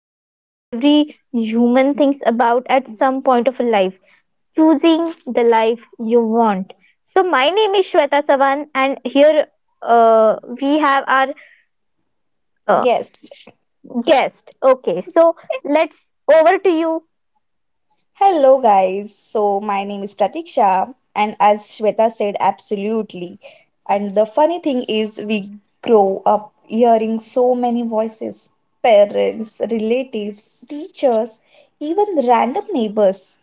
Indian every human thinks about at some point of life choosing the life you want. So, my name is Shweta Savan, and here we have our uh, Guest. Guest. Okay, so let's over to you. Hello, guys. So, my name is Pratiksha, and as Shweta said, absolutely. And the funny thing is, we grow up hearing so many voices, parents, relatives, teachers, even random neighbors.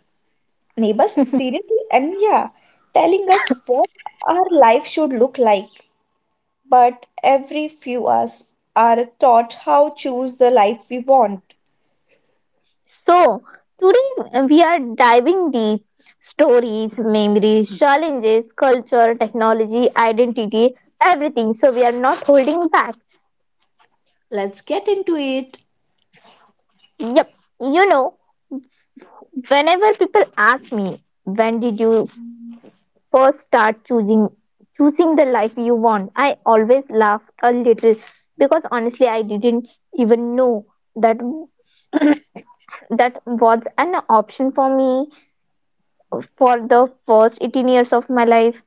Neighbors, seriously? And yeah, telling us what our life should look like. But every few us are taught how choose the life we want. So today we are diving deep stories, memories, challenges, culture, technology, identity, everything. So we are not holding back. Let's get into it. Yep. You know, whenever people ask me, when did you first start choosing the life you want? I always laugh a little because honestly, I didn't even know that that was an option for me for the first 18 years of my life.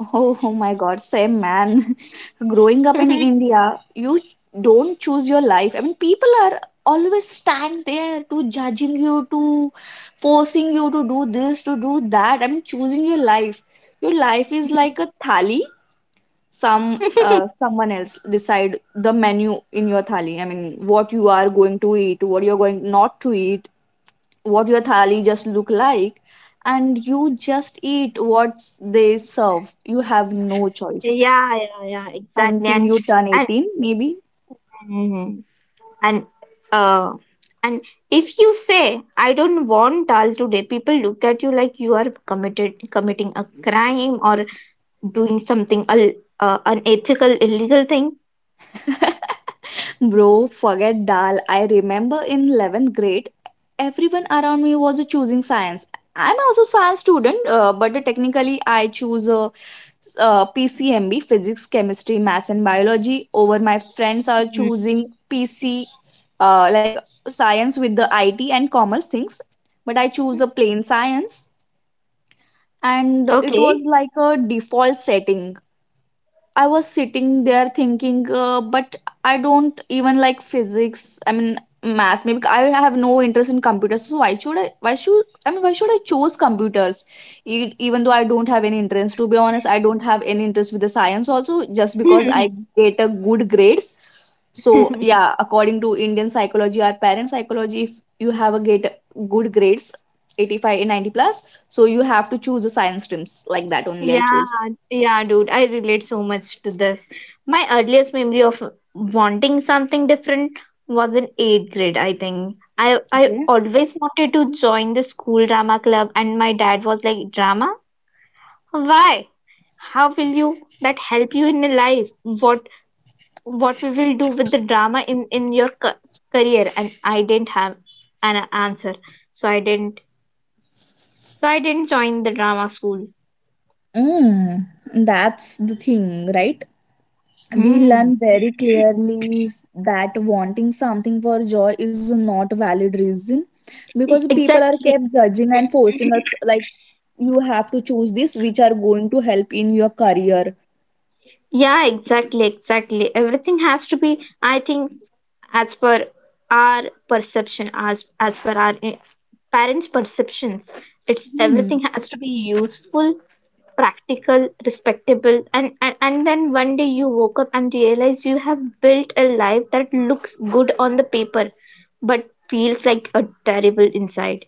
Oh, oh my God, same man. Growing up in India, you don't choose your life. I mean, people are always stand there to judging you, to forcing you to do this, to do that. I mean, choosing your life. Your life is like a thali. Someone else decide the menu in your thali. I mean, what you are going to eat, what you are going not to eat, what your thali just look like, and you just eat what they serve, you have no choice Yeah, yeah, yeah, exactly. until you turn 18 maybe. and and and, uh, and if you say I don't want dal today, people look at you like you are committed committing a crime or doing something unethical, illegal thing. Bro, forget dal. I remember in 11th grade, everyone around me was choosing science. I'm also science student, but technically I choose PCMB, physics, chemistry, maths, and biology. Over my friends are Mm. choosing PC, like science with the IT and commerce things, but I choose a plain science, and it Okay. was like a default setting. I was sitting there thinking, but I don't even like physics. I mean, math. Maybe I have no interest in computers. So why should I? Why should I mean? Why should I choose computers? Even though I don't have any interest. To be honest, I don't have any interest with the science. Also, just because I get a good grades. So yeah, according to Indian psychology, our parent psychology, if you have a get good grades, 85 and 90 plus, so you have to choose the science streams like that only. I Yeah, choose. yeah, dude, I relate so much to this. My earliest memory of wanting something different was in eighth grade, I think. I Okay. always wanted to join the school drama club, and my dad was like, "Drama? Why? How will you that help you in your life? What we will do with the drama in your ca career?" And I didn't have an answer, so I didn't join the drama school. Mm, that's the thing, right? We Hmm. learn very clearly that wanting something for joy is not a valid reason because people are Exactly. kept judging and forcing us, like, you have to choose this, which are going to help in your career. Yeah, exactly, exactly. Everything has to be, I think, as per our perception, as per our parents' perceptions. It's Hmm. everything has to be useful, practical, respectable, and, and then one day you woke up and realize you have built a life that looks good on the paper, but feels like a terrible inside.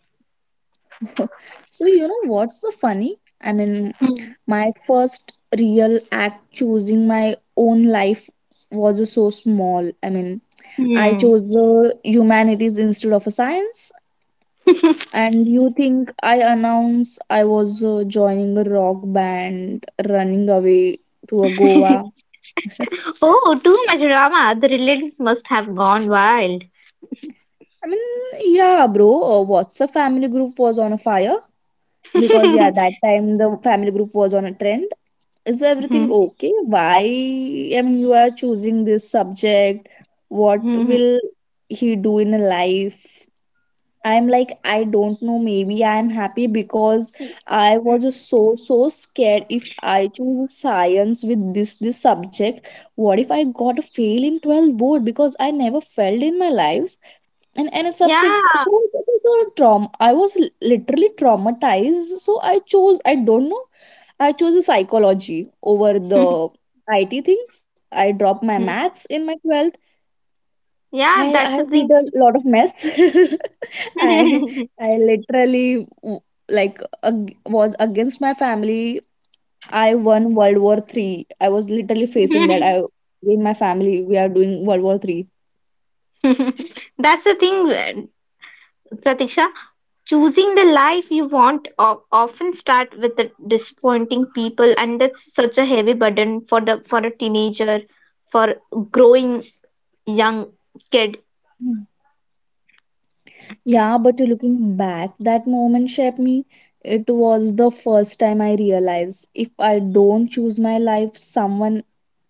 So, you know what's the funny? I mean, Hmm. my first real act choosing my own life was so small. I mean, I Hmm. chose humanities instead of a science. And you think I announce I was joining a rock band, running away to a Goa? I Oh, too much drama. The relatives must have gone wild. mean, yeah, bro. What's a family group was on a fire because yeah, that time the family group was on a trend. Is everything okay? Why? I mean, you are choosing this subject. What Mhm. will he do in life? I'm like, I don't know, maybe I'm happy because Y- I was just so, so scared if I choose science with this subject. What if I got a fail in 12 board because I never failed in my life? And a subject, Yeah. so it was a traum I was literally traumatized. So I chose, I don't know, I chose a psychology over the IT things. I dropped my maths in my 12th. Yeah, I, that's I the thing. did a lot of mess. I I literally like was against my family. I won World War III. I was literally facing that. I In my family we are doing World War III. That's the thing, Pratiksha. Choosing the life you want o- often start with the disappointing people, and that's such a heavy burden for the for a teenager, for growing young kid. Mm. Yeah, but looking back, that moment shaped me. It was the first time I realized if I don't choose my life, someone,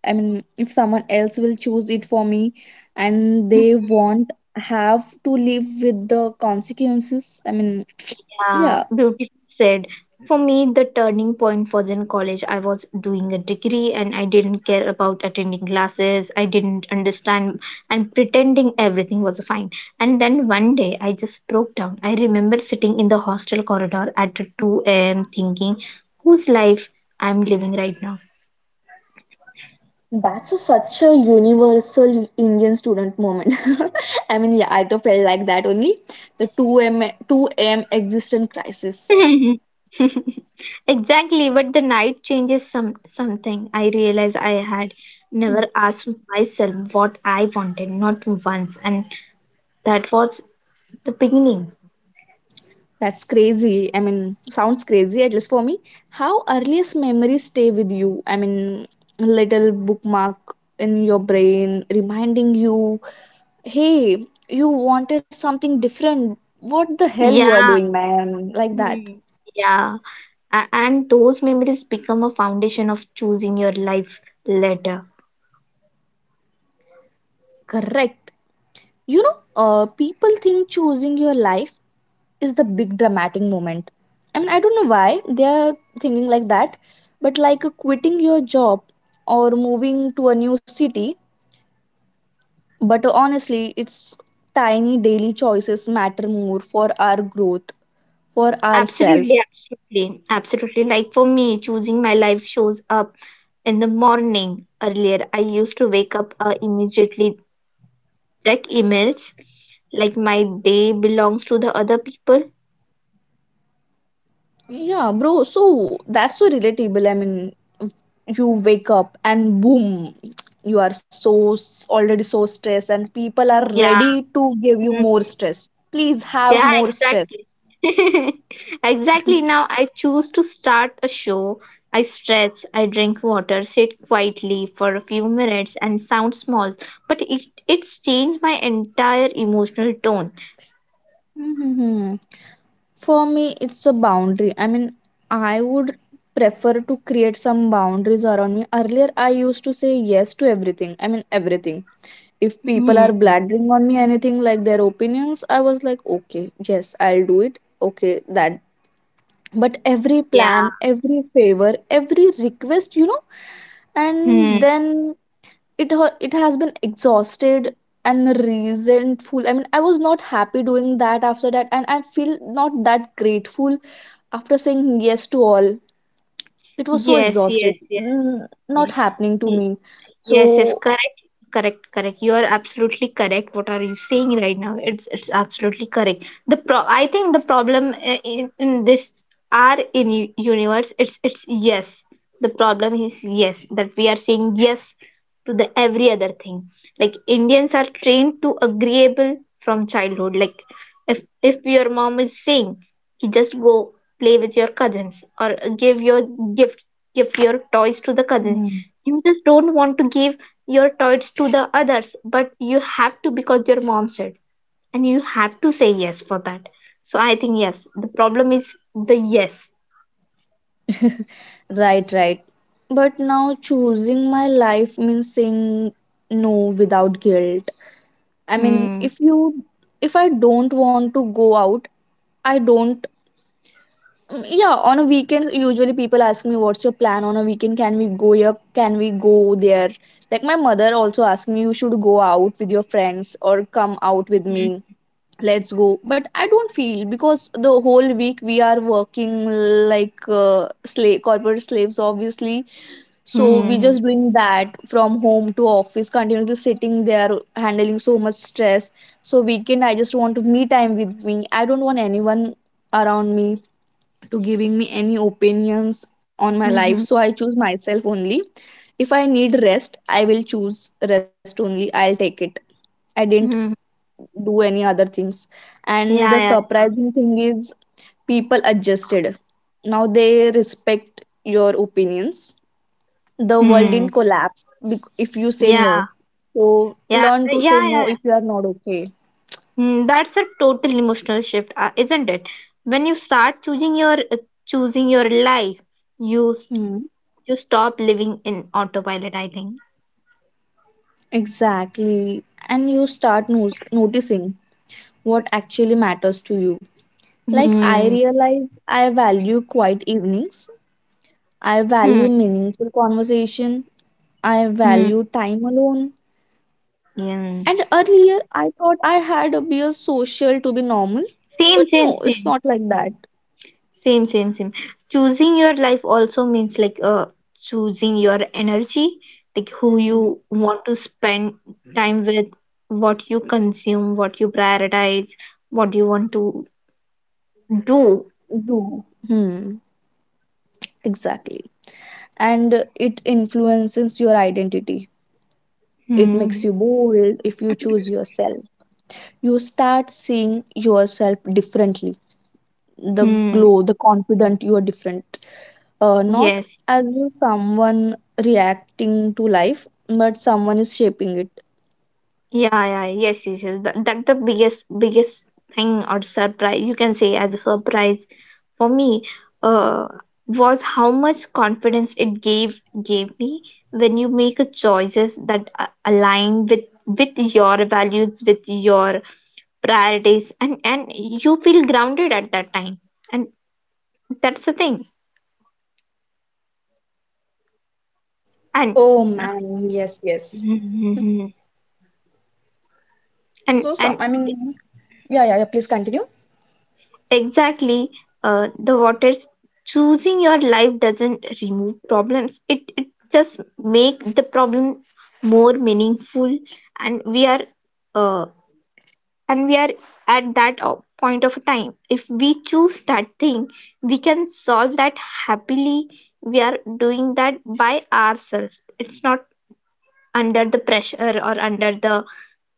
I mean, if someone else will choose it for me, and they won't have to live with the consequences. I mean, Yeah, yeah. beautifully said. For me, the turning point was in college. I was doing a degree and I didn't care about attending classes. I didn't understand and pretending everything was fine. And then one day I just broke down. I remember sitting in the hostel corridor at 2 a.m. thinking, whose life I'm living right now? That's such a universal Indian student moment. I mean, yeah, I too felt like that only. The 2M existent crisis. Exactly, but the night changes something. I realized I had Hmm. never asked myself what I wanted, not once, and that was the beginning. That's crazy. I mean, sounds crazy, at least for me. How earliest memories stay with you? I mean, a little bookmark in your brain reminding you, hey, you wanted something different. What the hell you are Yeah, doing, man? Like that. mm, yeah, A- and those memories become a foundation of choosing your life later. Correct. You know, people think choosing your life is the big dramatic moment. I mean, I don't know why they are thinking like that, but like quitting your job or moving to a new city. But honestly, it's tiny daily choices matter more for our growth, for ourselves. Absolutely, absolutely, absolutely. Like for me, choosing my life shows up in the morning. Earlier, I used to wake up immediately check emails like my day belongs to the other people. Yeah, bro. So that's so relatable. I mean, you wake up and boom, you are so already so stressed, and people are Yeah. ready to give you more Mhm. stress. Please have Yeah, more stress. exactly. Exactly. Now I choose to start a show. I stretch, I drink water, sit quietly for a few minutes and sound small, but it's changed my entire emotional tone. Mm-hmm. For me, it's a boundary. I mean, I would prefer to create some boundaries around me. Earlier, I used to say yes to everything. I mean, everything. If people are Hmm. blathering on me anything like their opinions, I was like, okay, yes, I'll do it. Okay, that. But every Yeah. plan, every favor, every request, and Hmm. then it has been exhausted and resentful. I mean, I was not happy doing that after that, and I feel not that grateful after saying yes to all. It was so Yes, exhausted, yes, yes. Not Y- happening to me. Yes, yes, So. correct. Correct, correct. You are absolutely correct. What are you saying right now? It's absolutely correct. The pro I think the problem in this are in u- universe it's yes. The problem is yes that we are saying yes to the every other thing. Like Indians are trained to agreeable from childhood. Like if if your mom is saying "Ki just go play with your cousins or give your gift give your toys to the cousins Hmm. you just don't want to give your toys to the others but you have to because your mom said and you have to say yes for that so I think yes the problem is the yes." Right, right, but now choosing my life means saying no without guilt. I mean, Hmm. if I don't want to go out, I don't. Yeah, on a weekend usually people ask me, what's your plan on a weekend, can we go here, can we go there, like my mother also asked me, you should go out with your friends or come out with Hmm. me, let's go, but I don't feel because the whole week we are working like slave corporate slaves, obviously. So we just doing that from home to office continuously sitting there handling so much stress. So weekend I just want to me time with me, I don't want anyone around me to giving me any opinions on my life, Mm-hmm. so I choose myself only. If I need rest, I will choose rest only, I'll take it. I didn't Hmm. do any other things. And Yeah. the Yeah. surprising thing is people adjusted. Now they respect your opinions, the world Hmm. didn't collapse if you say Yeah, no. So yeah, learn to say yeah. Yeah, no yeah. if you are not okay. Hmm, that's a total emotional shift isn't it when you start choosing your life you s- Hmm, you stop living in autopilot I think. exactly. And you start noticing what actually matters to you. Like, I Mm-hmm. realize I value quiet evenings, I Hmm. value meaningful conversation, I Hmm. Hmm. value time alone. And Yeah. earlier, I thought I had to be a social to be normal, but Same, no, same, it's not same. like that. Same, same, same. Choosing your life also means like choosing your energy, like who Mm, you want to spend time with, what you consume, what you prioritize, what you want to do. no. Hmm. Exactly. And it influences your identity. It makes Hmm. you bold if you choose yourself. You start seeing yourself differently. The Hmm. glow, the confident, you are different, not Yes. as someone reacting to life, but someone is shaping it. Yeah, yeah. Yes, yes, yes. That, that the biggest thing or surprise you can say as a surprise for me uh, was how much confidence it gave me when you make a choices that a- align with your values with your priorities and you feel grounded at that time and that's the thing and Oh man, yes, yes. Mhm. So and some I and mean, yeah, yeah, yeah, please continue. exactly the waters choosing your life doesn't remove problems it just make the problem more meaningful and we are uh, and we are at that o- point of time if we choose that thing we can solve that happily we are doing that by ourselves it's not under the pressure or under the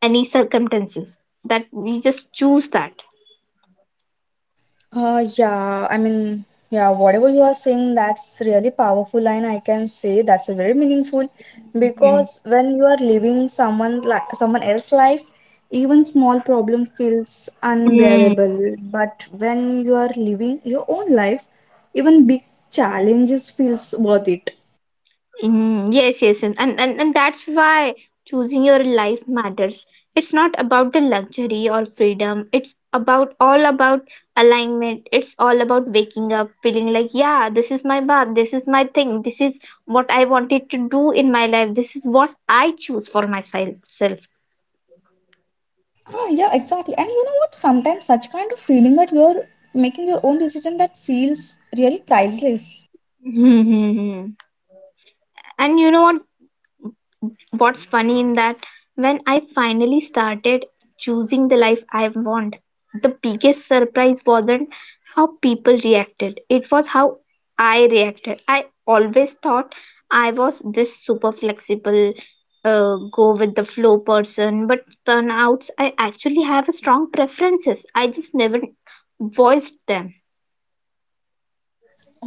any circumstances that we just choose that. Yeah, I mean, yeah, whatever you are saying, that's really powerful, and I can say that's very meaningful because when you are living someone else's life, even small problem feels Mhm. unbearable. But when you are living your own life, even big challenges feels worth it. Mm, yes, yes, and, and that's why choosing your life matters. It's not about the luxury or freedom. It's about all about alignment. It's all about waking up feeling like, yeah, this is my path. This is my thing. This is what I wanted to do in my life. This is what I choose for myself. Self. Ah, yeah, exactly. And you know what? Sometimes such kind of feeling that you're making your own decision that feels really priceless. Hmm, hmm, hmm. And you know what? What's funny in that, when I finally started choosing the life I want, the biggest surprise wasn't how people reacted, it was how I reacted. I always thought I was this super flexible, go with the flow person, but turn out I actually have a strong preferences. I just never voiced them.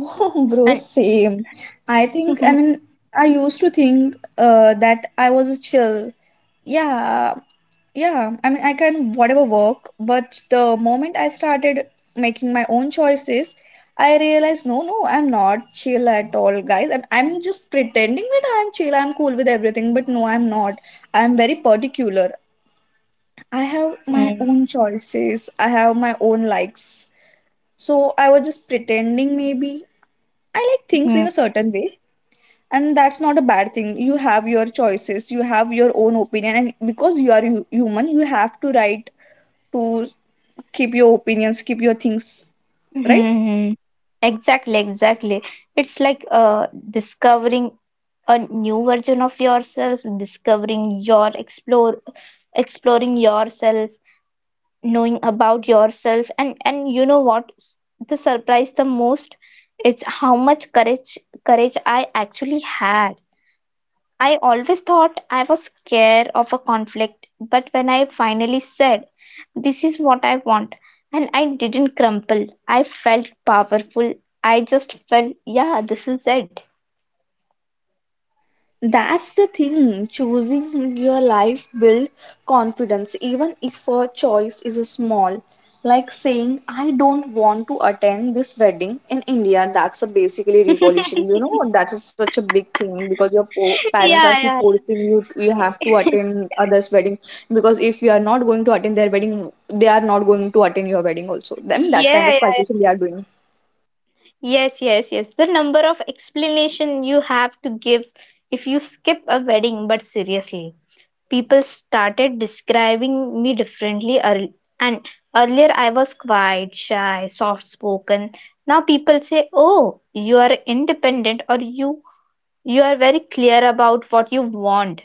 Oh, bro, And same. I think, I mean, I used to think that I was chill. Yeah, yeah. I mean, I can whatever work, but the moment I started making my own choices, I realized no, no, I'm not chill at all, guys. I'm just pretending that I'm chill, I'm cool with everything, but no, I'm not. I'm very particular. I have my Hmm, own choices, I have my own likes. So I was just pretending maybe I like things hmm. in a certain way, and that's not a bad thing. You have your choices, you have your own opinion, and because you are human, you have to right to keep your opinions, keep your things, right. Mm-hmm. Exactly, exactly. It's like discovering a new version of yourself, discovering your explore, exploring yourself, knowing about yourself, and you know what? S- The surprise the most, it's how much courage I actually had. I always thought I was scared of a conflict, but when I finally said this is what I want. And I didn't crumple. I felt powerful. I just felt, yeah, this is it. That's the thing. Choosing your life build confidence, even if a choice is small. Like saying, I don't want to attend this wedding in India. That's a basically revolution. You Yeah, know, that is such a big thing because your parents are keep yeah. forcing you. You have to attend others' wedding because if you are not going to attend their wedding, they are not going to attend your wedding also. Then that kind Yeah, of yeah, calculation yeah. they are doing. Yes, yes, yes. The number of explanation you have to give if you skip a wedding, but seriously, people started describing me differently early, and earlier I was quiet, shy, soft spoken. Now people say, "Oh, you are independent," or You are very clear about what you want."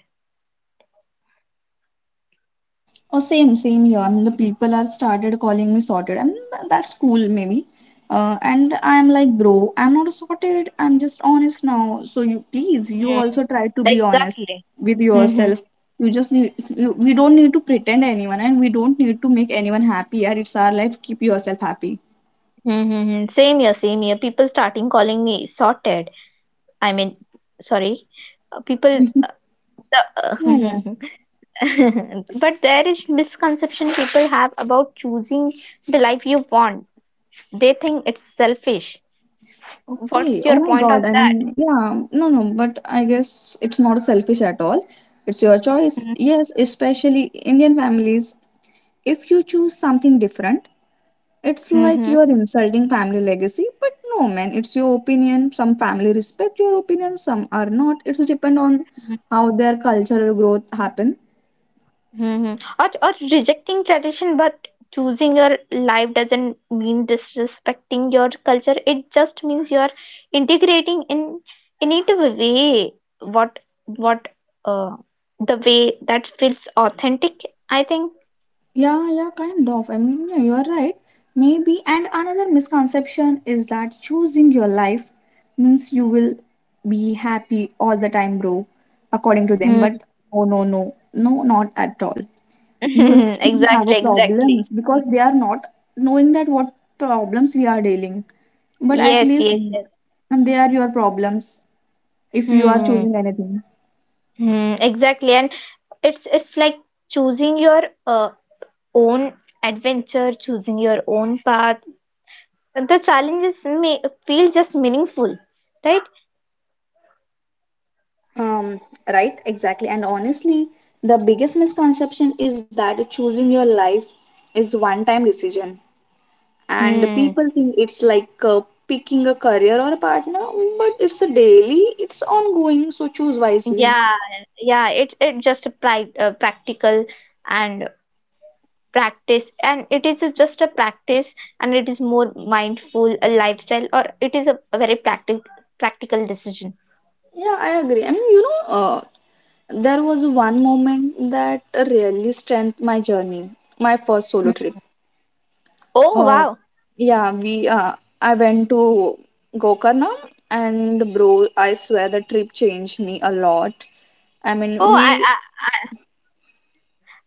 Oh, same, same here. I mean, the people are started calling me sorted. I mean, that's cool, maybe. And I'm like, bro, I'm not sorted. I'm just honest now. So you please, you Mm. also try to be honest Exactly. with Mm-hmm. yourself. You just need, we don't need to pretend anyone, and we don't need to make anyone happy. Yeah, it's our life. Keep yourself happy. Mm-hmm. Same here, same here. People starting calling me sorted. I mean, sorry. People, the, Yeah, yeah. But there is misconception people have about choosing the life you want. They think it's selfish. What's Okay. Oh your my point on God. I that? mean, yeah. No, no. But I guess it's not selfish at all. It's your choice. Yes, especially Indian families. If you choose something different, it's like Mm-hmm. you are insulting family legacy. But no, man, it's your opinion. Some family respect your opinion, some are not. It's depend on how their cultural growth happen. Hmm. Or rejecting tradition but choosing your life doesn't mean disrespecting your culture. It just means you are integrating in it a way what what uh the way that feels authentic, I think. Yeah, yeah, kind of. I mean, yeah, you are right. Maybe. And another misconception is that choosing your life means you will be happy all the time, bro, according to them. Hmm. But oh no, no, no, not at all. You will still have a Exactly, exactly. problems because they are not knowing that what problems we are dealing, but at Yes, least yes, yes. they are your problems if you are Hmm. choosing anything. Hmm. Exactly. And it's like choosing your own adventure, choosing your own path the challenges may feel just meaningful, right? Um, right, exactly. And honestly, the biggest misconception is that choosing your life is one time decision. And Hmm. people think it's like picking a career or a partner, but it's a daily, it's ongoing, so choose wisely. Yeah, yeah, it just a pri practical and practice, and it is just a practice, and it is more mindful a lifestyle, or it is a very practical decision. Yeah, I agree. I mean, there was one moment that really strengthened my journey, my first solo Hmm. trip. Oh Uh, wow! yeah, we I went to Gokarna, and bro, I swear the trip changed me a lot. I mean, Oh, I we I,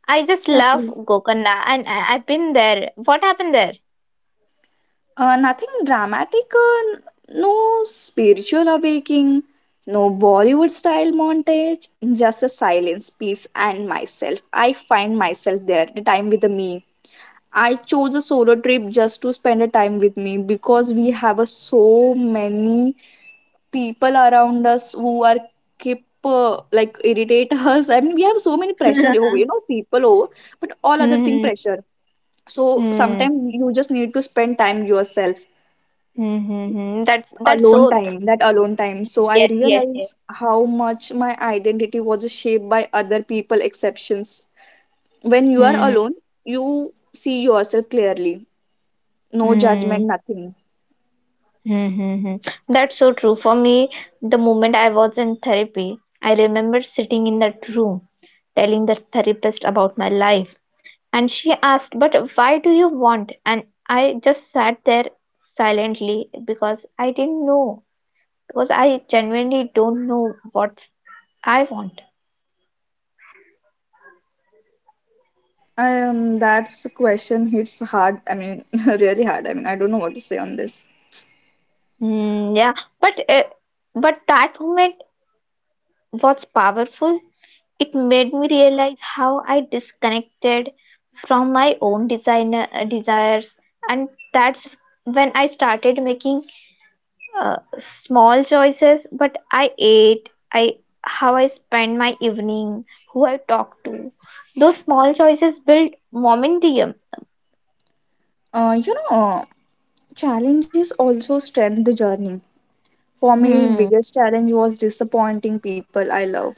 I just yeah, love please. Gokarna, and I've been there. What happened there? Nothing dramatic, no spiritual awakening, no Bollywood style montage, just a silence, peace, and myself. I find myself there, the time with me. I chose a solo trip just to spend a time with me because we have a so many people around us who are keep like irritate us. I mean, we have so many pressure, over people over, but all other thing Hmm. pressure. So Hmm. sometimes you just need to spend time yourself, Hmm. Hmm. Hmm. That's alone so time, that alone time. So I yes, yes, yes. realize how much my identity was shaped by other people exceptions. When you are Hmm. alone, you see yourself clearly, no judgment, Hmm. nothing. Mm-hmm. That's so true. For me, the moment I was in therapy, I remember sitting in that room telling the therapist about my life. And she asked, But why do you want? And I just sat there silently because I didn't know. Because I genuinely don't know what I want. That's a question hits hard. I mean, really hard. I mean, I don't know what to say on this. Mm, yeah, but uh, but that moment was powerful. It made me realize how I disconnected from my own designer desires, and that's when I started making small choices. But I ate, I how I spend my evening, who I talk to. Those small choices build momentum. You know, challenges also strengthen the journey. For me, Hmm. biggest challenge was disappointing people I love.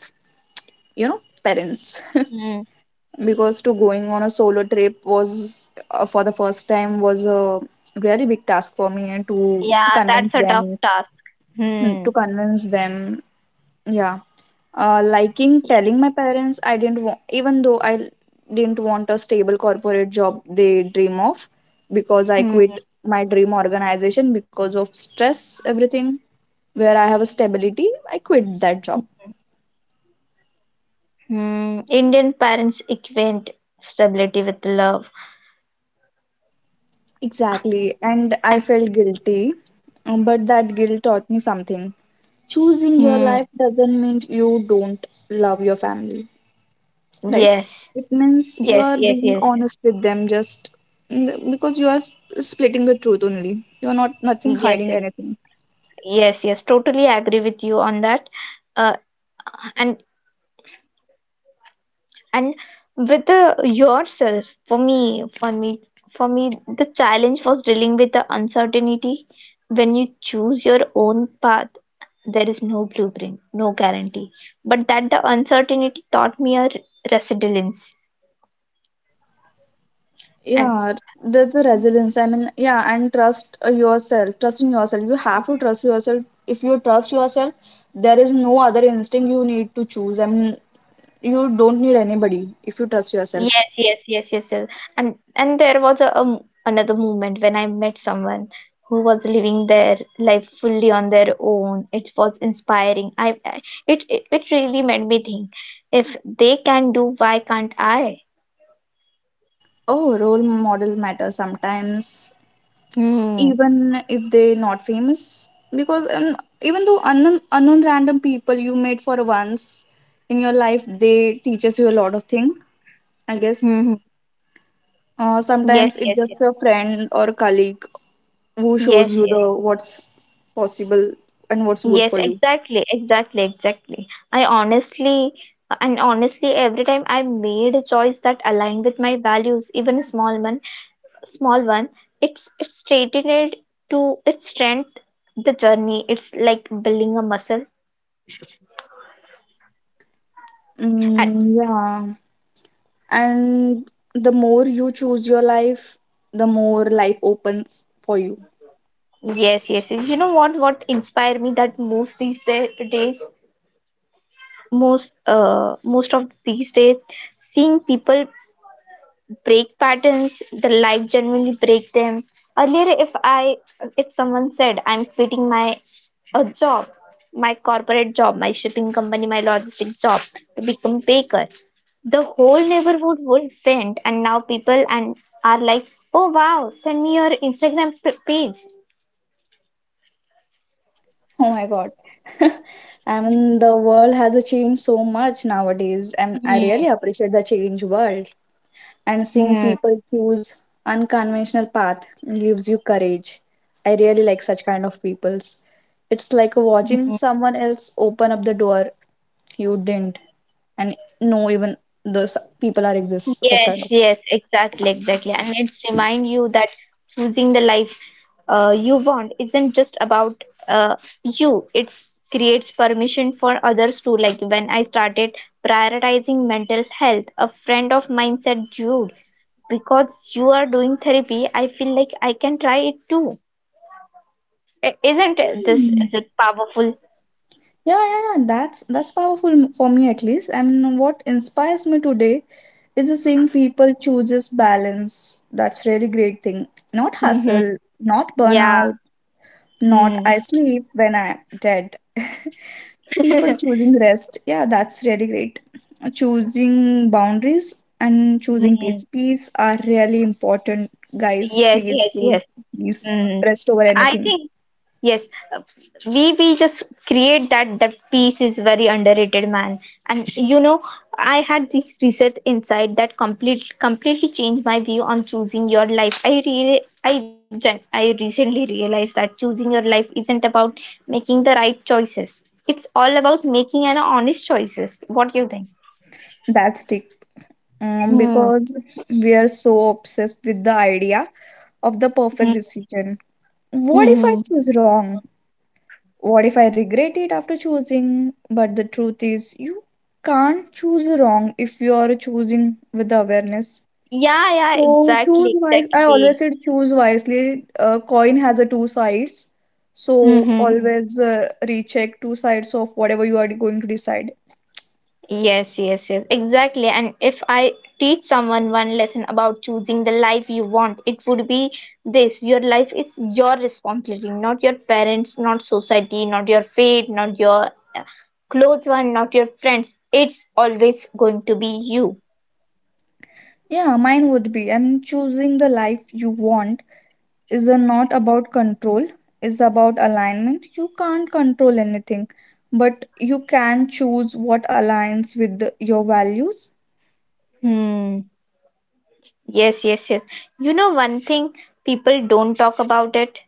You know, parents, Hmm. because to going on a solo trip was for the first time was a really big task for me, and Yeah, convince that's a tough them, task. Hmm. to convince them, Yeah, liking Yeah. telling my parents I didn't want, even though didn't want a stable corporate job they dream of, because I Hmm. quit my dream organization because of stress, everything where I have a stability, I quit that job. Hmm. Indian parents equate stability with love. Exactly. And I And- felt guilty, but that guilt taught me something. Choosing your Hmm. life doesn't mean you don't love your family. Right, Yes. it means you Yes, are yes, being yes, yes, honest with them. Just, mm, because you are splitting the truth only, you're not nothing yes, hiding yes, anything. yes, yes. Totally agree with you on that. Uh, and and with the yourself, for me, the challenge was dealing with the uncertainty. When you choose your own path, there is no blueprint, no guarantee. But that the uncertainty taught me a resilience. And Yeah, the resilience, I mean, yeah, and trust yourself, trust in yourself, you have to trust yourself. If you trust yourself, there is no other instinct you need to choose. I mean, you don't need anybody if you trust yourself. Yes, yes, yes, yes, yes. And there was a m- another moment when I met someone who was living their life fully on their own. It was inspiring. I it really made me think. If they can do, why can't I? Oh, role model matters sometimes, Hmm. even if they not famous, because even though unknown, unknown random people you met for once in your life, they teaches you a lot of thing, I guess. Hmm. Hmm. Yes, Sometimes it's yes, yes, just a friend or colleague who shows yes, you the yes, what's possible and what's good yes. for you. Exactly, exactly, exactly. I honestly. And honestly, every time I made a choice that aligned with my values, even small one, small one. It's straightened to its strength, the journey. It's like building a muscle. And Mm, yeah, and the more you choose your life, the more life opens for you. yes, yes, yes. You know what? What inspired me that most these days, most most of these days, seeing people break patterns, the life generally break them. Earlier, if I if someone said I'm quitting my a job, my corporate job, my shipping company, my logistic job to become baker, the whole neighborhood would faint. And now people and are like, oh wow, send me your Instagram page. Oh my God. I mean, the world has changed so much nowadays, and I Yeah. really appreciate the change world. And seeing Hmm. people choose unconventional path gives you courage. I really like such kind of peoples. It's like watching someone else open up the door you didn't, and know even those people are exist such kind Yes, yes, exactly, exactly. And it's remind you that choosing the life you want isn't just about you it creates permission for others too, like when I started prioritizing mental health, a friend of mine said, Jude, because you are doing therapy, I feel like I can try it too. I- isn't it- This of. is it powerful. Yeah, yeah, yeah. That's powerful for me at least. I mean, what inspires me today is seeing people chooses balance. That's really great thing. Not Hmm. hustle, not Yeah. burnout, not Hmm. I sleep when I'm dead. People choosing rest. Yeah, that's really great. Choosing boundaries and choosing Hmm. peace. Peace are really important, guys. Yes, Please yes, yes. choose peace. Hmm. Rest over I anything. think yes, we just create that piece is very underrated, man. And you know, I had this research insight that completely changed my view on choosing your life. I really, I recently realized that choosing your life isn't about making the right choices, it's all about making an honest choices. What do you think? That's it. Hmm. Because we are so obsessed with the idea of the perfect Hmm. decision. What if I Hmm. choose wrong? What if I regret it after choosing? But the truth is, you can't choose wrong if you are choosing with awareness. Yeah, yeah, So choose exactly, wise. I always said choose wisely. A coin has a two sides, so exactly. always recheck two sides of whatever you are going to decide. Yes, yes, yes, exactly. And if I teach someone one lesson about choosing the life you want, it would be this: your life is your responsibility, not your parents, not society, not your fate, not your uh, close one, not your friends. It's always going to be you. Yeah, mine would be I'm choosing the life you want is a not about control, is about alignment. You can't control anything, but you can choose what aligns with your values. Hmm. Yes, yes, yes. You know, one thing people don't talk about it,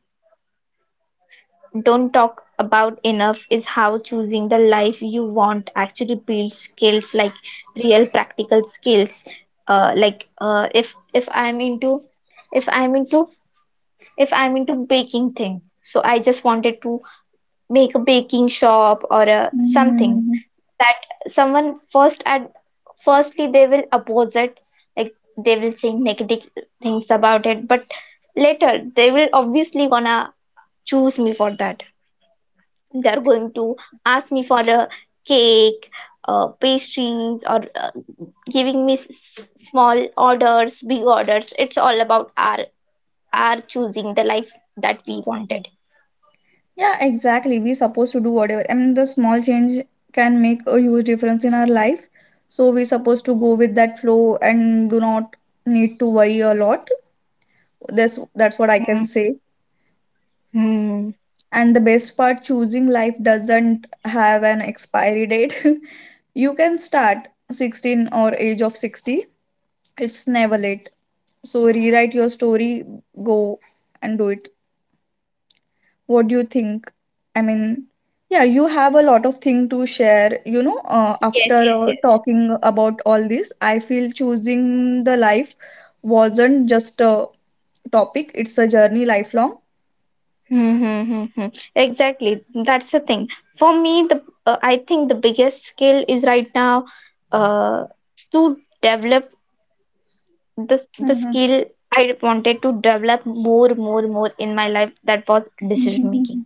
don't talk about enough is how choosing the life you want actually builds skills, like real practical skills. Like if i'm into if I'm into baking thing, so I just wanted to make a baking shop or a something, Mhm. that someone first at firstly they will oppose it, like they will say negative things about it, but later they will obviously gonna choose me for that. They're going to ask me for a cake, pastries, or giving me small orders, big orders. It's all about our choosing the life that we wanted. Yeah, exactly, we supposed to do whatever. I mean, the small change can make a huge difference in our life, so we supposed to go with that flow and do not need to worry a lot. That's what I can say. Mm-hmm. And the best part, choosing life doesn't have an expiry date. You can start 16 or age of 60. It's never late. So rewrite your story, go and do it. What do you think? I mean, yeah, you have a lot of thing to share, Yes, after yes, yes. talking about all this, I feel choosing the life wasn't just a topic, it's a journey lifelong. Mm-hmm. Exactly. That's the thing. For me, the I think the biggest skill is right now uh, to develop the Mhm. skill I wanted to develop more, more, more in my life. That was decision making. Mhm.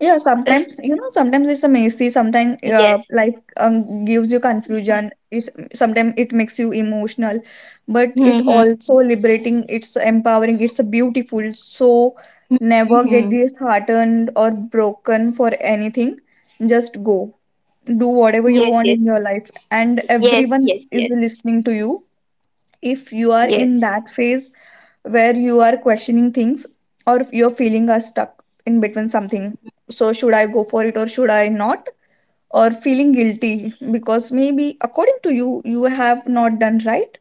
Yeah, If sometimes you know, sometimes it's a messy. Sometimes yes. life gives you confusion. It's, sometimes it makes you emotional, but it Mm-hmm. also liberating. It's empowering. It's a beautiful. So never get Mm-hmm. disheartened or broken for anything. Just go. Do whatever you Yes, want yes. in your life, and Yes, everyone yes, is yes. listening to you if you are in Yes. that phase where you are questioning things, or if you're feeling are stuck in between something. So should I go for it or should I not? Or feeling guilty because maybe according to you you have not done right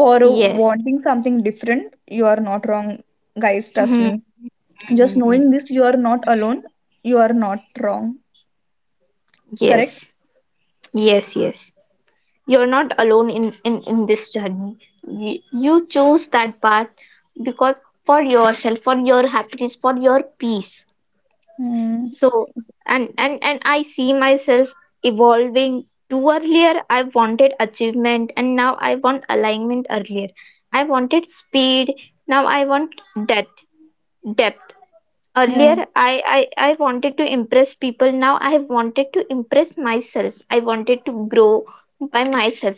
for Yes. wanting something different, you are not wrong, guys, trust Hmm. me. Just knowing Hmm. this, you are not alone, you are not wrong, correct. Yes. Yes, yes. You're not alone in this journey. You choose that path because for yourself, for your happiness, for your peace. Hmm, So and I see myself evolving too. Earlier I wanted achievement and now I want alignment. Earlier I wanted speed, now I want depth, depth. yeah. Earlier I wanted to impress people, now I wanted to impress myself. I wanted to grow by myself.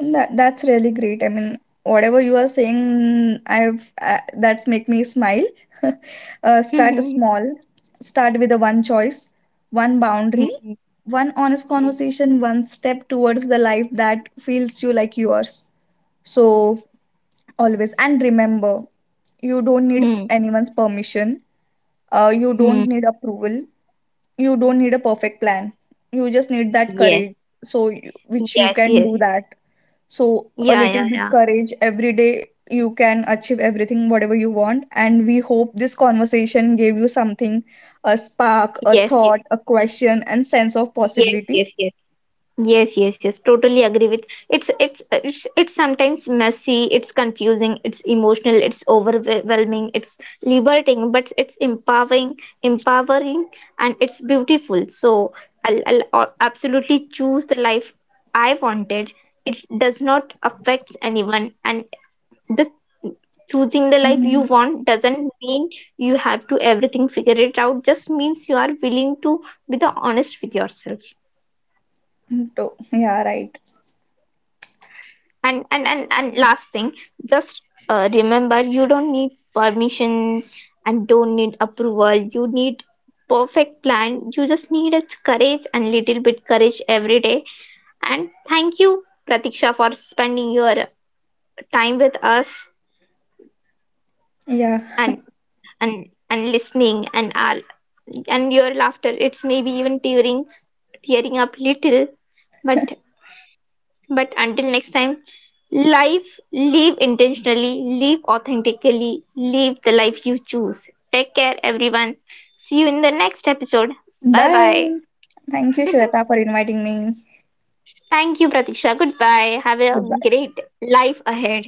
That that's really great. I mean, whatever you are saying, I've that's make me smile. Start Hmm, small. Start with a one choice, one boundary, hmm, one honest hmm, conversation, one step towards the life that feels you like yours. So always and remember, you don't hmm, need hmm, anyone's permission. You hmm. don't need approval. You don't need a perfect plan. You just need that Yes, courage. So you, which you yes, can do yes. that, so a Yeah, little yeah, bit yeah. courage every day you can achieve everything whatever you want. And we hope this conversation gave you something, a spark, a Yes, yes, thought, a question, and sense of yes, possibility. yes. Yes, yes, yes. Totally agree with it's it's sometimes messy, it's confusing, it's emotional, it's overwhelming, it's liberating, but it's empowering, empowering, and it's beautiful. So I'll absolutely choose the life I wanted. It does not affect anyone, and the choosing the life you Mhm. want doesn't mean you have to everything figure it out. Just means you are willing to be the honest with yourself. So, yeah, right. And last thing, just remember, you don't need permission and don't need approval. You need perfect plan. You just need a courage and little bit courage every day. And thank you, Pratiksha, for spending your time with us Yeah. and and listening and our and your laughter. It's maybe even tearing tearing up little, but but until next time, Life live intentionally, live authentically, live the life you choose. Take care, everyone. See you in the next episode. Bye bye. Bye. Thank you Shweta for inviting me. Thank you, Pratiksha. Goodbye. Have a Goodbye. great life ahead.